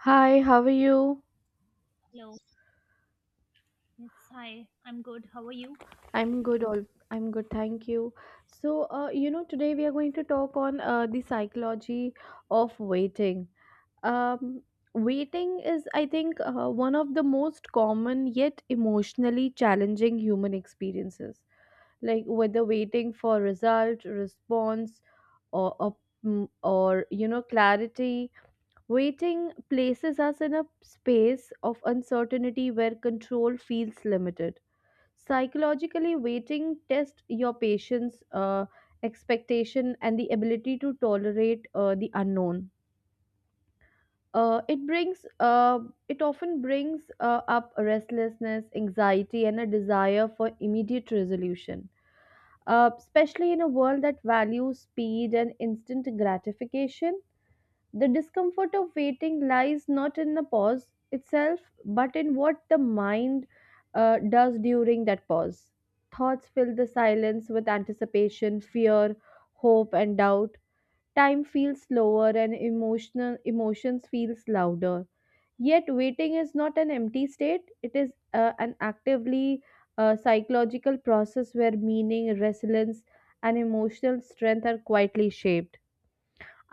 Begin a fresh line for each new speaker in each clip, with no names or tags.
Hi, how are you?
Hello. Yes, hi. I'm good. How are you?
I'm good. All I'm good. Thank you. So, today we are going to talk on the psychology of waiting. Um, waiting is, I think, one of the most common yet emotionally challenging human experiences. Like whether waiting for result, response, or or, or clarity. Waiting places us in a space of uncertainty where control feels limited. Psychologically, waiting tests your patience, expectation, and the ability to tolerate the unknown. Uh, it brings uh, it often brings up restlessness, anxiety, and a desire for immediate resolution, especially in a world that values speed and instant gratification. The discomfort of waiting lies not in the pause itself, but in what the mind does during that pause. Thoughts fill the silence with anticipation, fear, hope, and doubt. Time feels slower and emotional emotions feels louder. Yet waiting is not an empty state; it is an actively psychological process where meaning, resilience, and emotional strength are quietly shaped.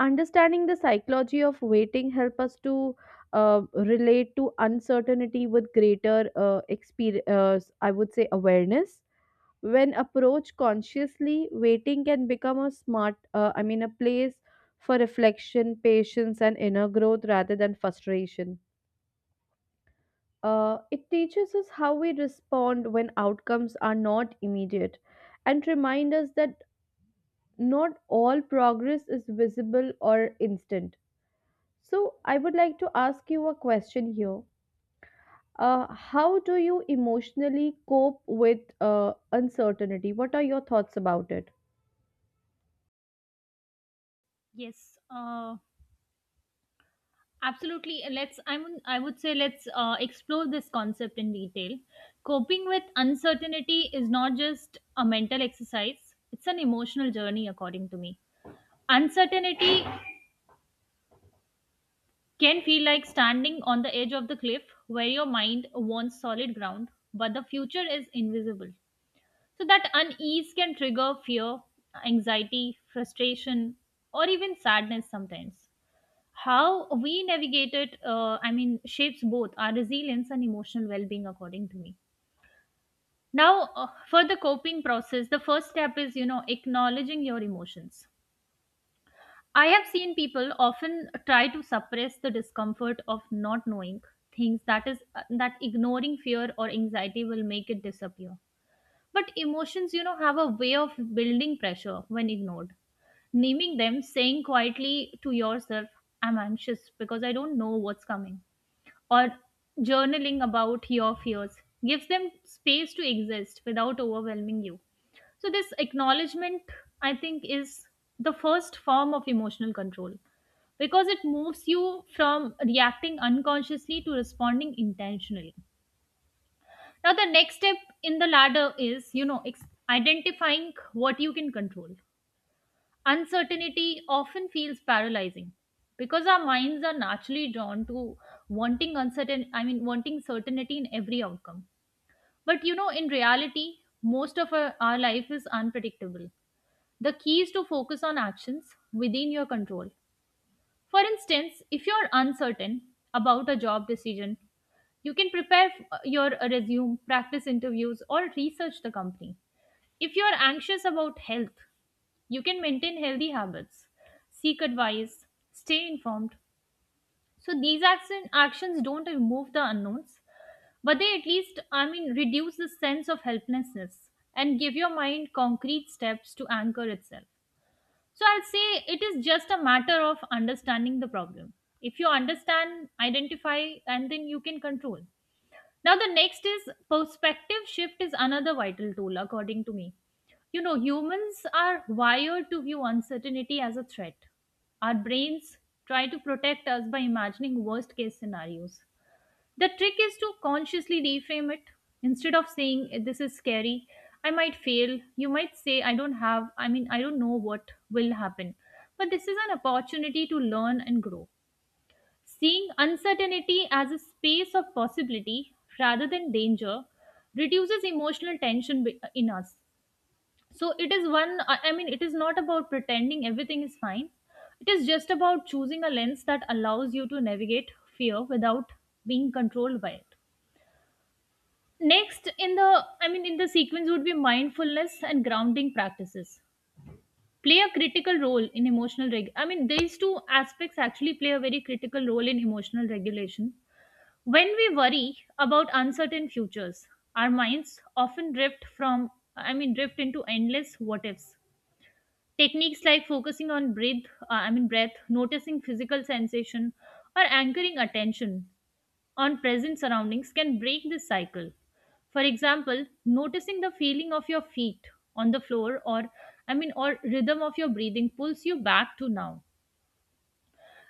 Understanding the psychology of waiting help us to relate to uncertainty with greater experience I would say awareness. When approached consciously, waiting can become a smart I mean a place for reflection, patience, and inner growth rather than frustration. It teaches us how we respond when outcomes are not immediate, and remind us that not all progress is visible or instant. So, I would like to ask you a question here. How do you emotionally cope with uncertainty? What are your thoughts about it?
Yes. Absolutely. Let's. I'm. I would say let's explore this concept in detail. Coping with uncertainty is not just a mental exercise. It's an emotional journey, according to me. Uncertainty can feel like standing on the edge of the cliff where your mind wants solid ground, but the future is invisible. So that unease can trigger fear, anxiety, frustration, or even sadness sometimes. How we navigate it shapes both our resilience and emotional well-being, according to me. Now, for the coping process, the first step is, acknowledging your emotions. I have seen people often try to suppress the discomfort of not knowing things, that is, that ignoring fear or anxiety will make it disappear. But emotions, have a way of building pressure when ignored. Naming them, saying quietly to yourself, I'm anxious because I don't know what's coming, or journaling about your fears, gives them space to exist without overwhelming you. So, this acknowledgement, I think, is the first form of emotional control, because it moves you from reacting unconsciously to responding intentionally. Now, the next step in the ladder is, identifying what you can control. Uncertainty often feels paralyzing because our minds are naturally drawn to wanting uncertain I mean wanting certainty in every outcome. But, in reality, most of our life is unpredictable. The key is to focus on actions within your control. For instance, if you're uncertain about a job decision, you can prepare your resume, practice interviews, or research the company. If you are anxious about health, you can maintain healthy habits, seek advice, stay informed. So these actions don't remove the unknowns, but they at least, I mean, reduce the sense of helplessness and give your mind concrete steps to anchor itself. So I'll say it is just a matter of understanding the problem. If you understand, identify, and then you can control. Now, the next is perspective shift is another vital tool, according to me. You know, humans are wired to view uncertainty as a threat. Our brains try to protect us by imagining worst case scenarios. The trick is to consciously reframe it. Instead of saying, This is scary, I might fail," you might say, I don't have, I mean, I don't know what will happen, but this is an opportunity to learn and grow." Seeing uncertainty as a space of possibility rather than danger reduces emotional tension in us. So it is, one, I mean, it is not about pretending everything is fine. It is just about choosing a lens that allows you to navigate fear without being controlled by it. Next, in the sequence would be mindfulness and grounding practices play a critical role in emotional these two aspects actually play a very critical role in emotional regulation. When we worry about uncertain futures, our minds often drift from I mean drift into endless what ifs. Techniques like focusing on breath, I mean breath, noticing physical sensation, or anchoring attention on present surroundings can break this cycle. For example, noticing the feeling of your feet on the floor, or I mean or rhythm of your breathing, pulls you back to now,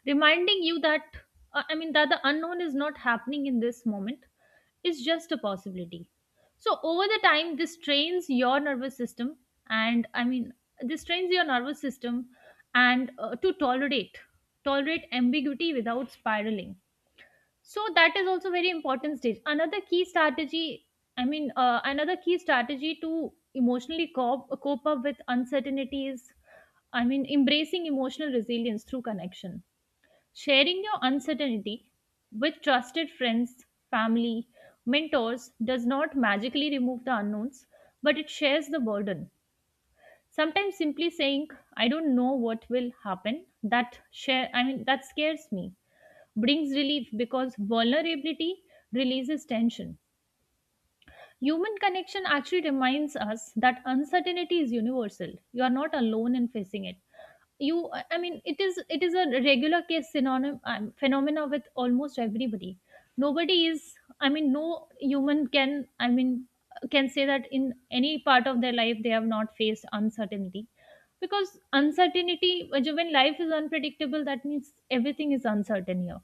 reminding you that I mean that the unknown is not happening in this moment, is just a possibility. So over the time, this trains your nervous system, and I mean this trains your nervous system and to tolerate ambiguity without spiraling. So that is also very important stage. Another key strategy to emotionally cope up with uncertainty is, I mean, embracing emotional resilience through connection. Sharing your uncertainty with trusted friends, family, mentors does not magically remove the unknowns, but it shares the burden. Sometimes simply saying, I don't know what will happen, that share I mean that scares me, brings relief because vulnerability releases tension. Human connection actually reminds us that uncertainty is universal. You are not alone in facing it. You i mean it is it is a regular case synonym, phenomena with almost everybody. Nobody is I mean No human can I mean can say that in any part of their life they have not faced uncertainty, because uncertainty, when life is unpredictable, that means everything is uncertain here.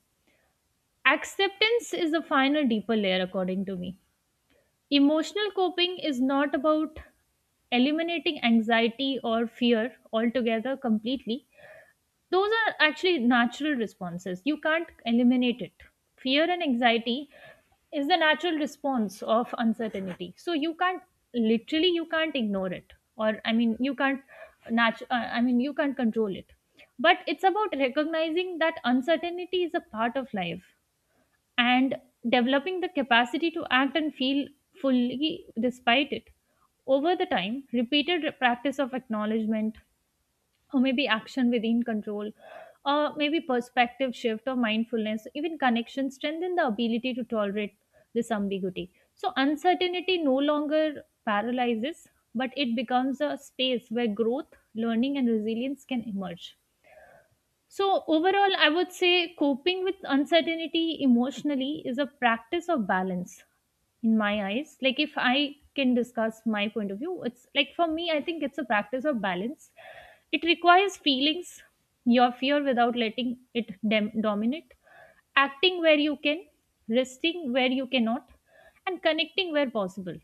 Acceptance is the final deeper layer, according to me. Emotional coping is not about eliminating anxiety or fear altogether, completely. Those are actually natural responses. You can't eliminate it. Fear and anxiety is the natural response of uncertainty. So you can't ignore it, or I mean you can't control it. But it's about recognizing that uncertainty is a part of life and developing the capacity to act and feel fully despite it. Over the time, repeated practice of acknowledgement, or maybe action within control, or maybe perspective shift, or mindfulness, even connection, strengthen the ability to tolerate this ambiguity. So uncertainty no longer paralyzes, but it becomes a space where growth, learning, and resilience can emerge. So, overall, I would say coping with uncertainty emotionally is a practice of balance, in my eyes. Like, if I can discuss my point of view, it's like, for me, I think it's a practice of balance. It requires feelings your fear without letting it dominate, acting where you can, resting where you cannot, and connecting where possible.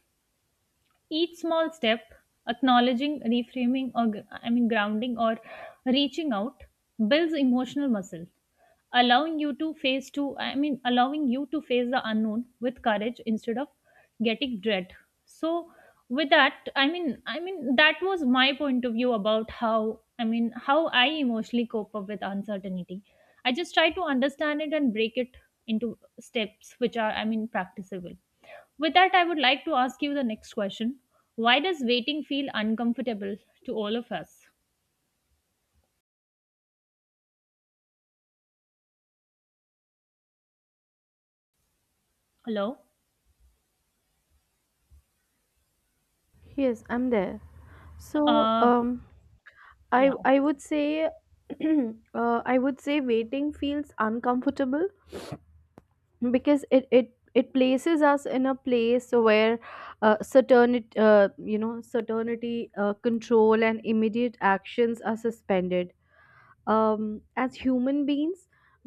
Each small step, acknowledging, reframing, or I mean grounding, or reaching out, builds emotional muscle, allowing you to face the unknown with courage instead of getting dread. So, with that, I mean that was my point of view about how I emotionally cope up with uncertainty. I just try to understand it and break it into steps which are, practicable. With that, I would like to ask you the next question. Why does waiting feel uncomfortable to all of us? Hello?
Yes, I'm there. So,
uh
I
yeah,
I
okay.
would say, I would say waiting feels uncomfortable because it places us in a place where certainty, control, and immediate actions are suspended. As human beings,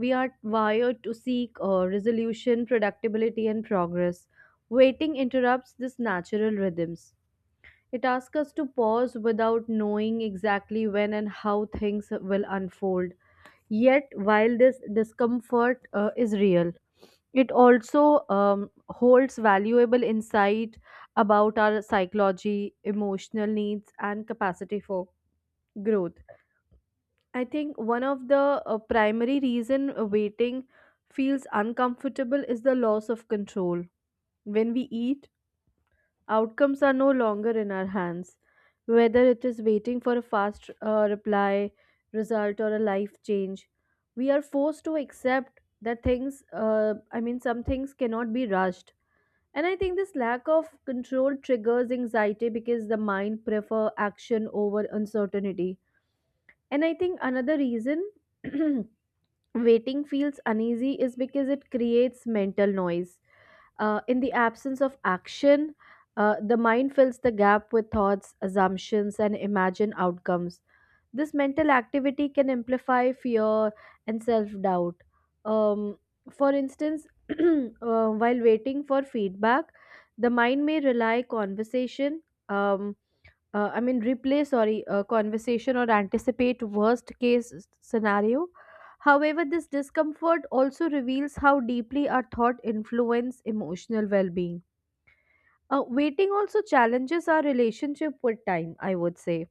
we are wired to seek resolution, predictability, and progress. Waiting interrupts this natural rhythms. It asks us to pause without knowing exactly when and how things will unfold. Yet, while this discomfort is real, it also holds valuable insight about our psychology, emotional needs, and capacity for growth. I think one of the primary reason waiting feels uncomfortable is the loss of control. When we eat, outcomes are no longer in our hands. Whether it is waiting for a fast reply, result, or a life change, we are forced to accept that some things cannot be rushed. And I think this lack of control triggers anxiety because the mind prefer action over uncertainty. And I think another reason waiting feels uneasy is because it creates mental noise. In the absence of action, the mind fills the gap with thoughts, assumptions, and imagined outcomes. This mental activity can amplify fear and self doubt. Um, for instance, while waiting for feedback, the mind may rely conversation. Um, I mean, replay, sorry, a conversation or anticipate worst case scenario. However, this discomfort also reveals how deeply our thought influence emotional well-being. Waiting also challenges our relationship with time, I would say.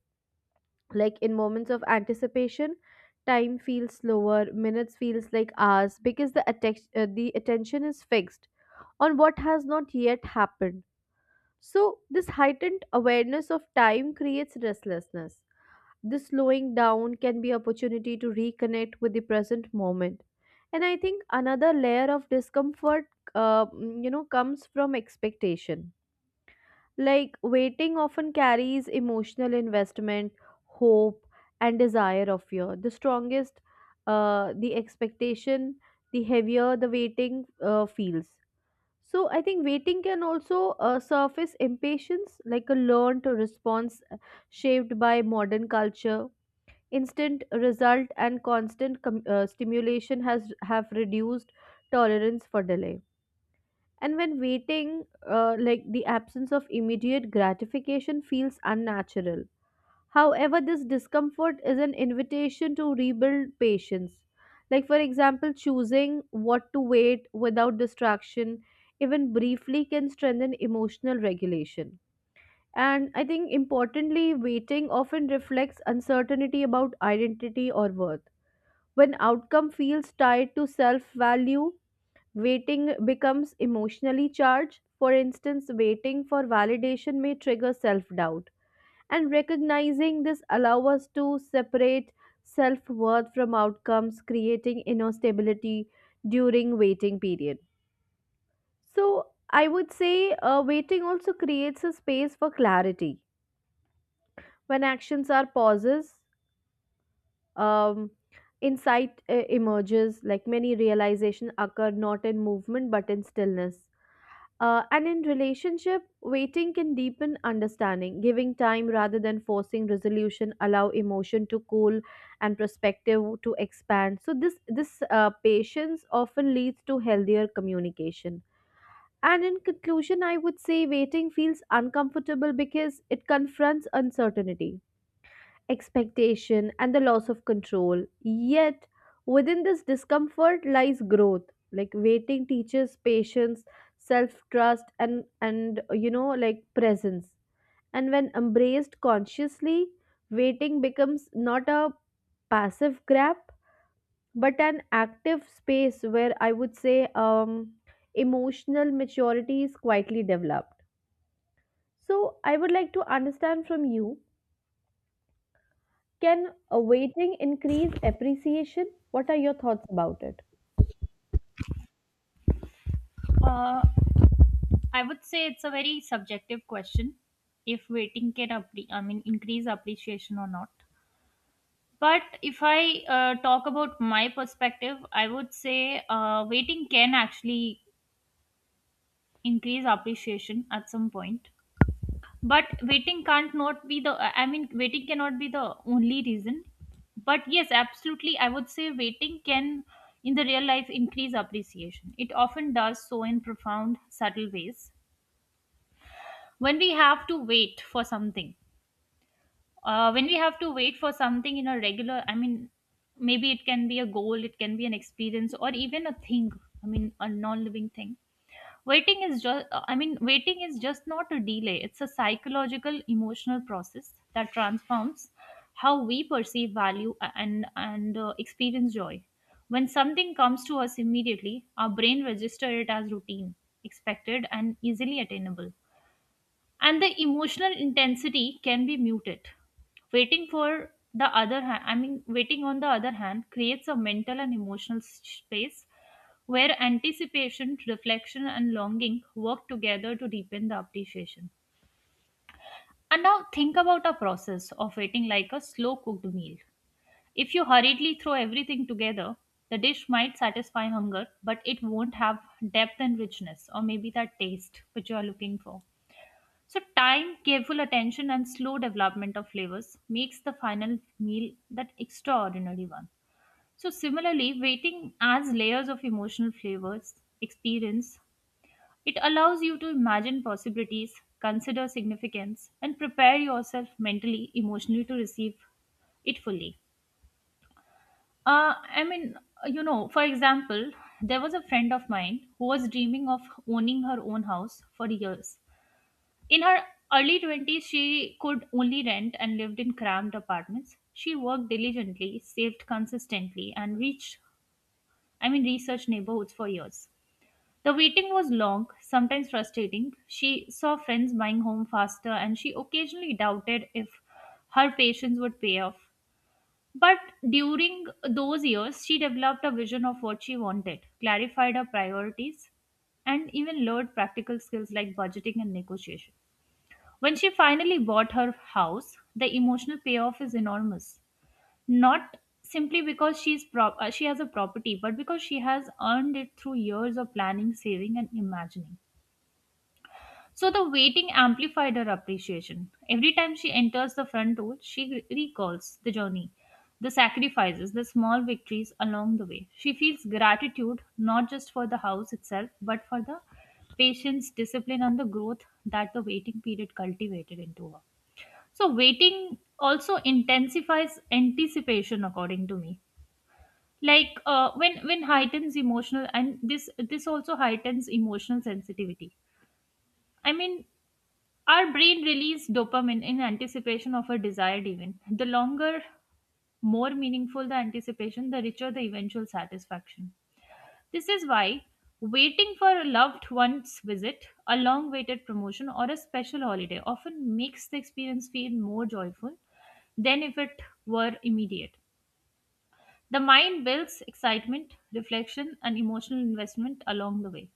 Like in moments of anticipation, time feels slower, minutes feels like hours because the attention is fixed on what has not yet happened. So, this heightened awareness of time creates restlessness. This slowing down can be opportunity to reconnect with the present moment. And I think another layer of discomfort, comes from expectation. Like waiting often carries emotional investment, hope, and desire of fear. The strongest, the expectation, the heavier the waiting feels. So I think waiting can also surface impatience, like a learned response shaped by modern culture. Instant result and constant stimulation has have reduced tolerance for delay. And when waiting, like the absence of immediate gratification feels unnatural. However, this discomfort is an invitation to rebuild patience. Like, for example, choosing what to wait without distraction, even briefly, can strengthen emotional regulation. And I think importantly, waiting often reflects uncertainty about identity or worth. When outcome feels tied to self value, waiting becomes emotionally charged. For instance, waiting for validation may trigger self doubt. And recognizing this allow us to separate self worth from outcomes, creating inner stability during waiting period. So I would say waiting also creates a space for clarity. When actions are pauses, um, insight emerges. Like many realization occur not in movement but in stillness. And in relationship, waiting can deepen understanding, giving time rather than forcing resolution allow emotion to cool and perspective to expand. So this patience often leads to healthier communication. And in conclusion, I would say waiting feels uncomfortable because it confronts uncertainty, expectation, and the loss of control. Yet, within this discomfort lies growth. Like waiting teaches patience, self-trust, and like presence. And when embraced consciously, waiting becomes not a passive grab but an active space where I would say emotional maturity is quietly developed. So I would like to understand from you. Can awaiting increase appreciation? What are your thoughts about it?
Uh, I would say it's a very subjective question if waiting can increase appreciation or not. But if I talk about my perspective, I would say waiting can actually increase appreciation at some point. But waiting can't not be the I mean waiting cannot be the only reason. But yes, absolutely, I would say waiting can, in the real life, increase appreciation. It often does so in profound, subtle ways. When we have to wait for something when we have to wait for something in a regular, maybe it can be a goal, it can be an experience, or even a thing, a non-living thing. Waiting is just not a delay. It's a psychological emotional process that transforms how we perceive value, and experience joy. When something comes to us immediately, our brain registers it as routine, expected, and easily attainable, and the emotional intensity can be muted. Waiting on the other hand creates a mental and emotional space where anticipation, reflection, and longing work together to deepen the appreciation. And now think about a process of waiting like a slow cooked meal. If you hurriedly throw everything together, the dish might satisfy hunger, but it won't have depth and richness, or maybe that taste which you are looking for. So, time, careful attention, and slow development of flavors makes the final meal that extraordinary one. So, similarly, waiting adds layers of emotional flavors, experience. It allows you to imagine possibilities, consider significance, and prepare yourself mentally, emotionally, to receive it fully. Uh, I mean, for example, there was a friend of mine who was dreaming of owning her own house for years. In her early 20s, she could only rent and lived in cramped apartments. She worked diligently, saved consistently, and researched neighborhoods for years. The waiting was long, sometimes frustrating. She saw friends buying home faster, and she occasionally doubted if her patience would pay off. But during those years, she developed a vision of what she wanted, clarified her priorities, and even learned practical skills like budgeting and negotiation. When she finally bought her house, the emotional payoff is enormous. Not simply because she has a property, but because she has earned it through years of planning, saving, and imagining. So the waiting amplified her appreciation. Every time she enters the front door, she recalls the journey, the sacrifices, the small victories along the way. She feels gratitude not just for the house itself, but for the patience, discipline, and the growth that the waiting period cultivated into her. So waiting also intensifies anticipation, according to me. Like when heightens emotional and this also heightens emotional sensitivity. I mean, our brain releases dopamine in anticipation of a desired event. The longer, more meaningful the anticipation, the richer the eventual satisfaction. This is why waiting for a loved one's visit, a long awaited promotion, or a special holiday often makes the experience feel more joyful than if it were immediate. The mind builds excitement, reflection, and emotional investment along the way.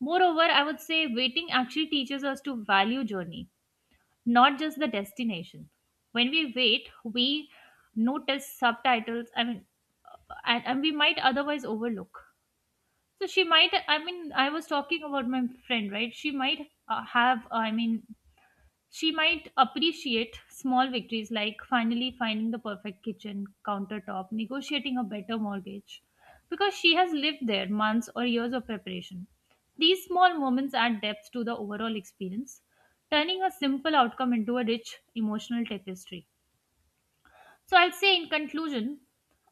Moreover, I would say waiting actually teaches us to value journey, not just the destination. When we wait, we notice subtitles, and we might otherwise overlook. So she might, I was talking about my friend, right? She might have, she might appreciate small victories like finally finding the perfect kitchen countertop, negotiating a better mortgage, because she has lived there months or years of preparation. These small moments add depth to the overall experience, turning a simple outcome into a rich emotional tapestry. So I'll say in conclusion,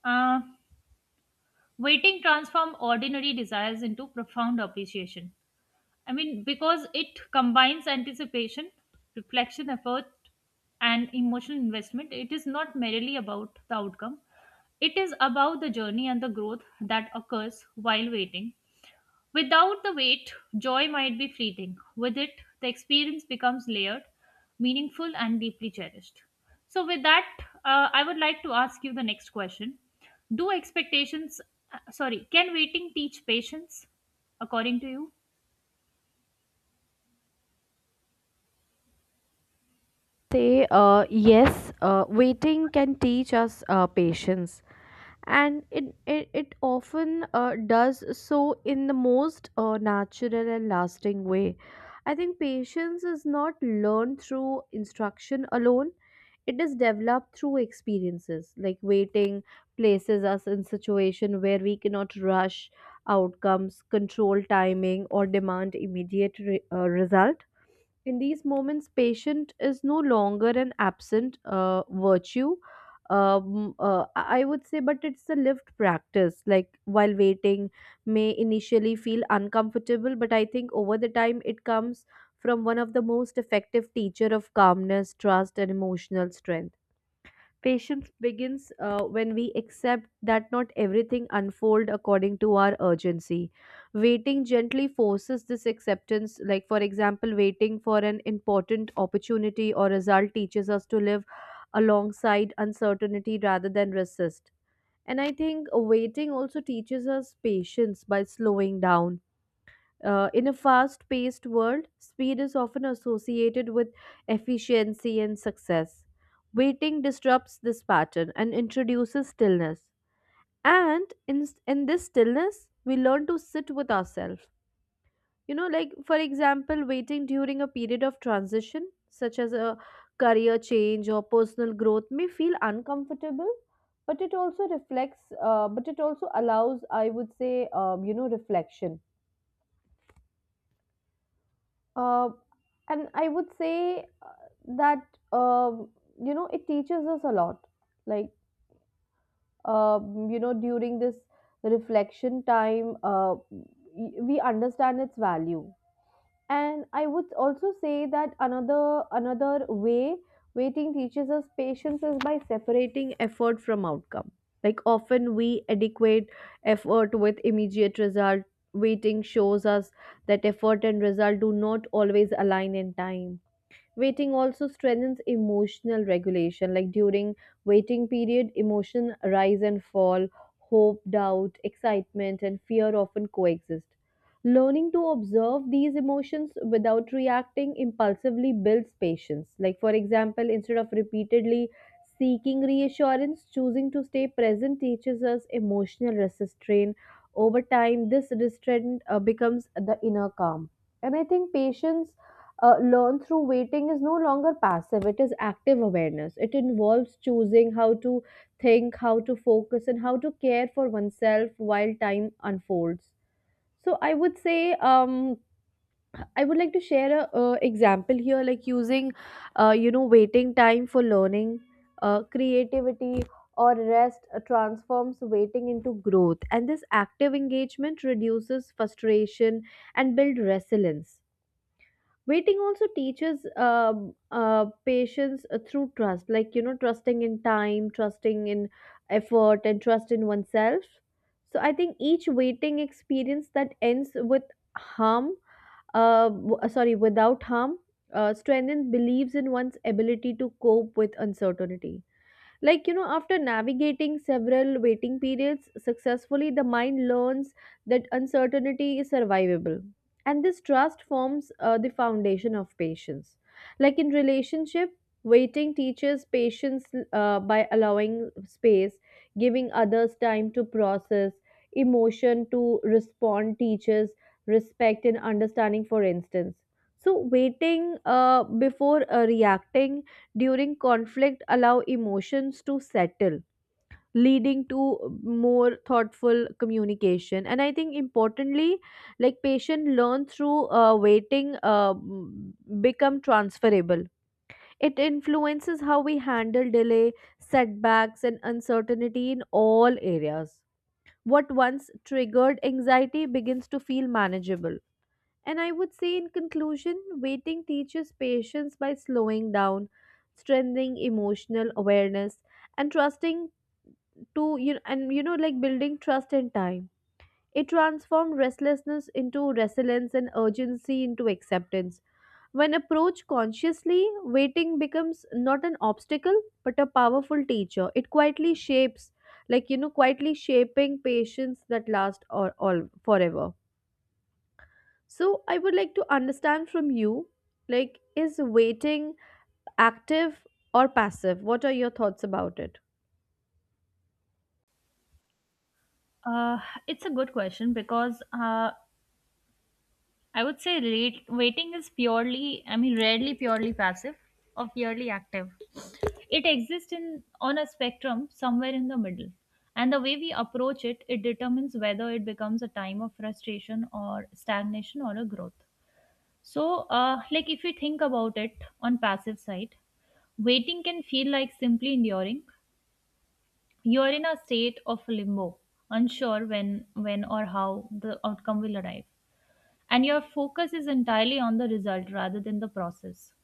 uh, waiting transform ordinary desires into profound appreciation. Because it combines anticipation, reflection, effort, and emotional investment. It is not merely about the outcome, it is about the journey and the growth that occurs while waiting. Without the wait, joy might be fleeting. With it, the experience becomes layered, meaningful, and deeply cherished. So, with that, I would like to ask you the next question. Do expectations, can waiting teach patience according to you?
Say, yes, waiting can teach us patience. And it often does so in the most natural and lasting way. I think patience is not learned through instruction alone. It is developed through experiences. Like waiting places us in situation where we cannot rush outcomes, control timing, or demand immediate result. In these moments, patient is no longer an absent virtue. I would say but it's a lived practice. Like while waiting may initially feel uncomfortable, but I think over the time it comes from one of the most effective teacher of calmness, trust, and emotional strength. Patience begins when we accept that not everything unfolds according to our urgency. Waiting gently forces this acceptance. Like, for example, waiting for an important opportunity or result teaches us to live alongside uncertainty rather than resist. And I think waiting also teaches us patience by slowing down. In a fast paced world, speed is often associated with efficiency and success. Waiting disrupts this pattern and introduces stillness. And in this stillness, we learn to sit with ourselves. You know, like for example, waiting during a period of transition, such as a career change or personal growth, may feel uncomfortable, but it also allows, I would say, reflection. Uh, and I would say, that um, it teaches us a lot. Like during this reflection time, we understand its value. And I would also say that another way waiting teaches us patience is by separating effort from outcome. Like often we adequate effort with immediate result. Waiting shows us that effort and result do not always align in time. Waiting also strengthens emotional regulation. Like during waiting period, emotion rise and fall. Hope, doubt, excitement, and fear often coexist. Learning to observe these emotions without reacting impulsively builds patience. Like for example, instead of repeatedly seeking reassurance, choosing to stay present teaches us emotional restraint. Over time, this restraint becomes the inner calm. And I think patience learn through waiting is no longer passive. It is active awareness. It involves choosing how to think, how to focus, and how to care for oneself while time unfolds. So I would say, um, I would like to share a example here. Like using waiting time for learning, creativity, or rest transforms waiting into growth, and this active engagement reduces frustration and build resilience. Waiting also teaches uh, patience through trust. Like trusting in time, trusting in effort, and trust in oneself. So I think each waiting experience that ends with harm sorry, without harm, strengthens believes in one's ability to cope with uncertainty. Like after navigating several waiting periods successfully, the mind learns that uncertainty is survivable. And this trust forms the foundation of patience. Like in relationship, waiting teaches patience by allowing space. Giving others time to process emotion to respond teaches respect and understanding. For instance, so waiting before reacting during conflict allow emotions to settle, leading to more thoughtful communication. And I think importantly, like patient learn through waiting become transferable. It influences how we handle delay, setbacks, and uncertainty in all areas. What once triggered anxiety begins to feel manageable. And I would say, in conclusion, waiting teaches patience by slowing down, strengthening emotional awareness, and trusting to you and you know like building trust in time. It transforms restlessness into resilience and urgency into acceptance. When approached consciously, waiting becomes not an obstacle but a powerful teacher. It quietly shapes, like quietly shaping patience that lasts or all forever. So I would like to understand from you, like, is waiting active or passive? What are your thoughts about it?
Uh, it's a good question because I would say rate, waiting is purely, rarely purely passive or purely active. It exists in on a spectrum somewhere in the middle, and the way we approach it, it determines whether it becomes a time of frustration or stagnation or a growth. So, like if we think about it on passive side, waiting can feel like simply enduring. You're in a state of limbo, unsure when or how the outcome will arrive and your focus is entirely on the result rather than the process.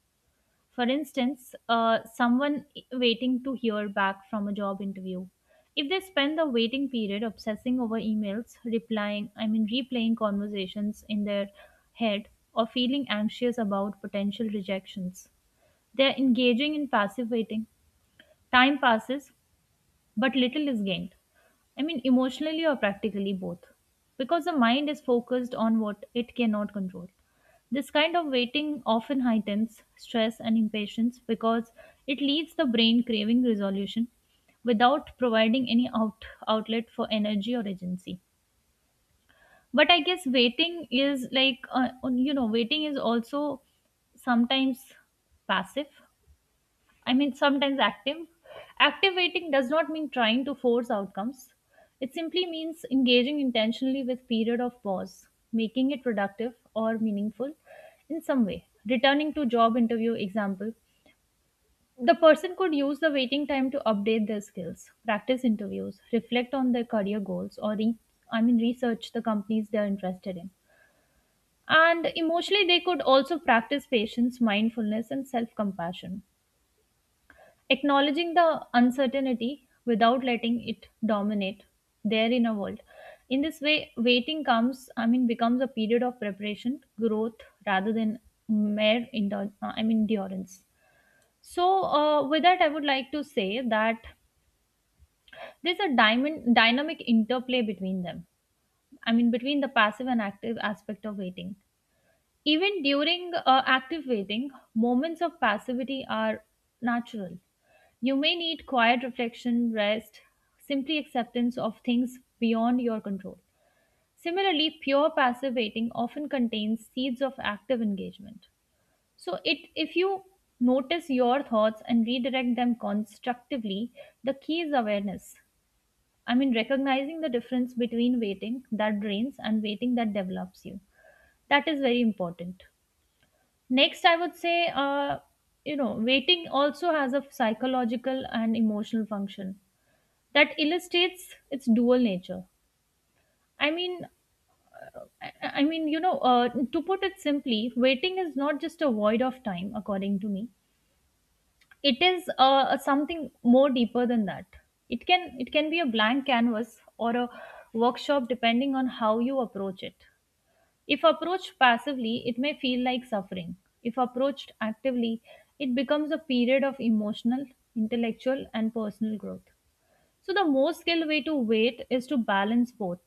For instance, someone waiting to hear back from a job interview, if they spend the waiting period obsessing over emails, replaying conversations in their head, or feeling anxious about potential rejections, they are engaging in passive waiting. Time passes, but little is gained. Emotionally or practically both, because the mind is focused on what it cannot control. This kind of waiting often heightens stress and impatience because it leaves the brain craving resolution without providing any outlet for energy or agency. But I guess waiting is like, waiting is also sometimes passive sometimes active. Active waiting does not mean trying to force outcomes. It simply means engaging intentionally with period of pause, making it productive or meaningful in some way. Returning to job interview example, the person could use the waiting time to update their skills, practice interviews, reflect on their career goals, or research the companies they are interested in. And emotionally, they could also practice patience, mindfulness, and self compassion acknowledging the uncertainty without letting it dominate their inner world. In this way waiting comes I mean becomes a period of preparation growth rather than mere endure, I mean endurance so with that I would like to say that there's a diamond dynamic interplay between them, between the passive and active aspect of waiting. Even during active waiting, moments of passivity are natural. You may need quiet reflection, rest, simply acceptance of things beyond your control. Similarly, pure passive waiting often contains seeds of active engagement. So, if you notice your thoughts and redirect them constructively, the key is awareness. Recognizing the difference between waiting that drains and waiting that develops you. That is very important. Next, I would say, waiting also has a psychological and emotional function that illustrates its dual nature. I mean, to put it simply, waiting is not just a void of time, according to me. It is something more deeper than that. It can be a blank canvas or a workshop, depending on how you approach it. If approached passively, it may feel like suffering. If approached actively, it becomes a period of emotional, intellectual, and personal growth. So, the most skilled way to wait is to balance both,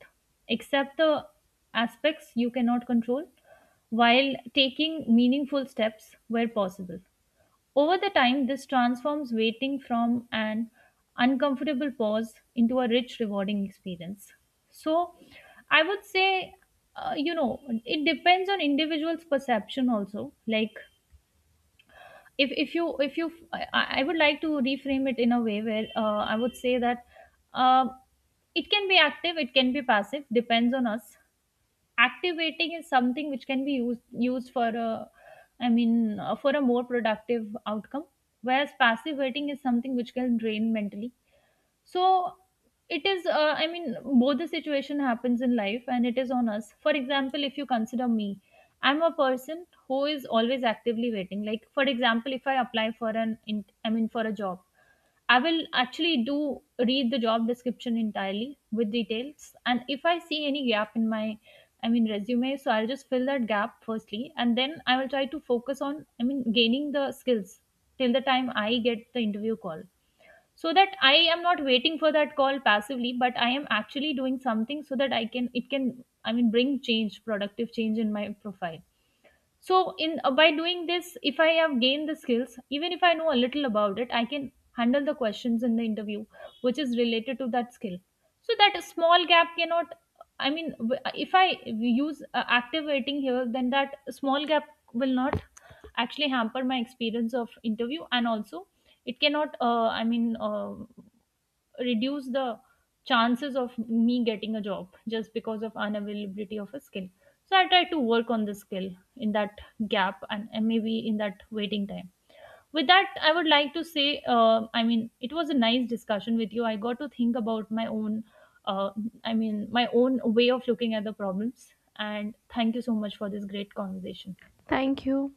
accept the aspects you cannot control while taking meaningful steps where possible. Over the time, this transforms waiting from an uncomfortable pause into a rich, rewarding experience. So, I would say, it depends on individual's perception also. Like, if you, I would like to reframe it in a way where I would say that uh, it can be active, it can be passive, depends on us. Activating is something which can be used for a for a more productive outcome, whereas passive waiting is something which can drain mentally. So it is both the situation happens in life and it is on us. For example, if you consider me, I'm a person who is always actively waiting. Like for example, if I apply for an in, I mean for a job, I will actually do read the job description entirely with details. And if I see any gap in my, resume, so I'll just fill that gap firstly. And then I will try to focus on, gaining the skills till the time I get the interview call. So that I am not waiting for that call passively, but I am actually doing something so that it can, bring change, productive change in my profile. So in by doing this, if I have gained the skills, even if I know a little about it, I can handle the questions in the interview which is related to that skill. So that small gap cannot if I use active waiting here, then that small gap will not actually hamper my experience of interview. And also it cannot reduce the chances of me getting a job just because of unavailability of a skill. So I try to work on the skill in that gap and maybe in that waiting time. With that I would like to say it was a nice discussion with you. I got to think about my own uh, my own way of looking at the problems, and thank you so much for this great conversation.
Thank you.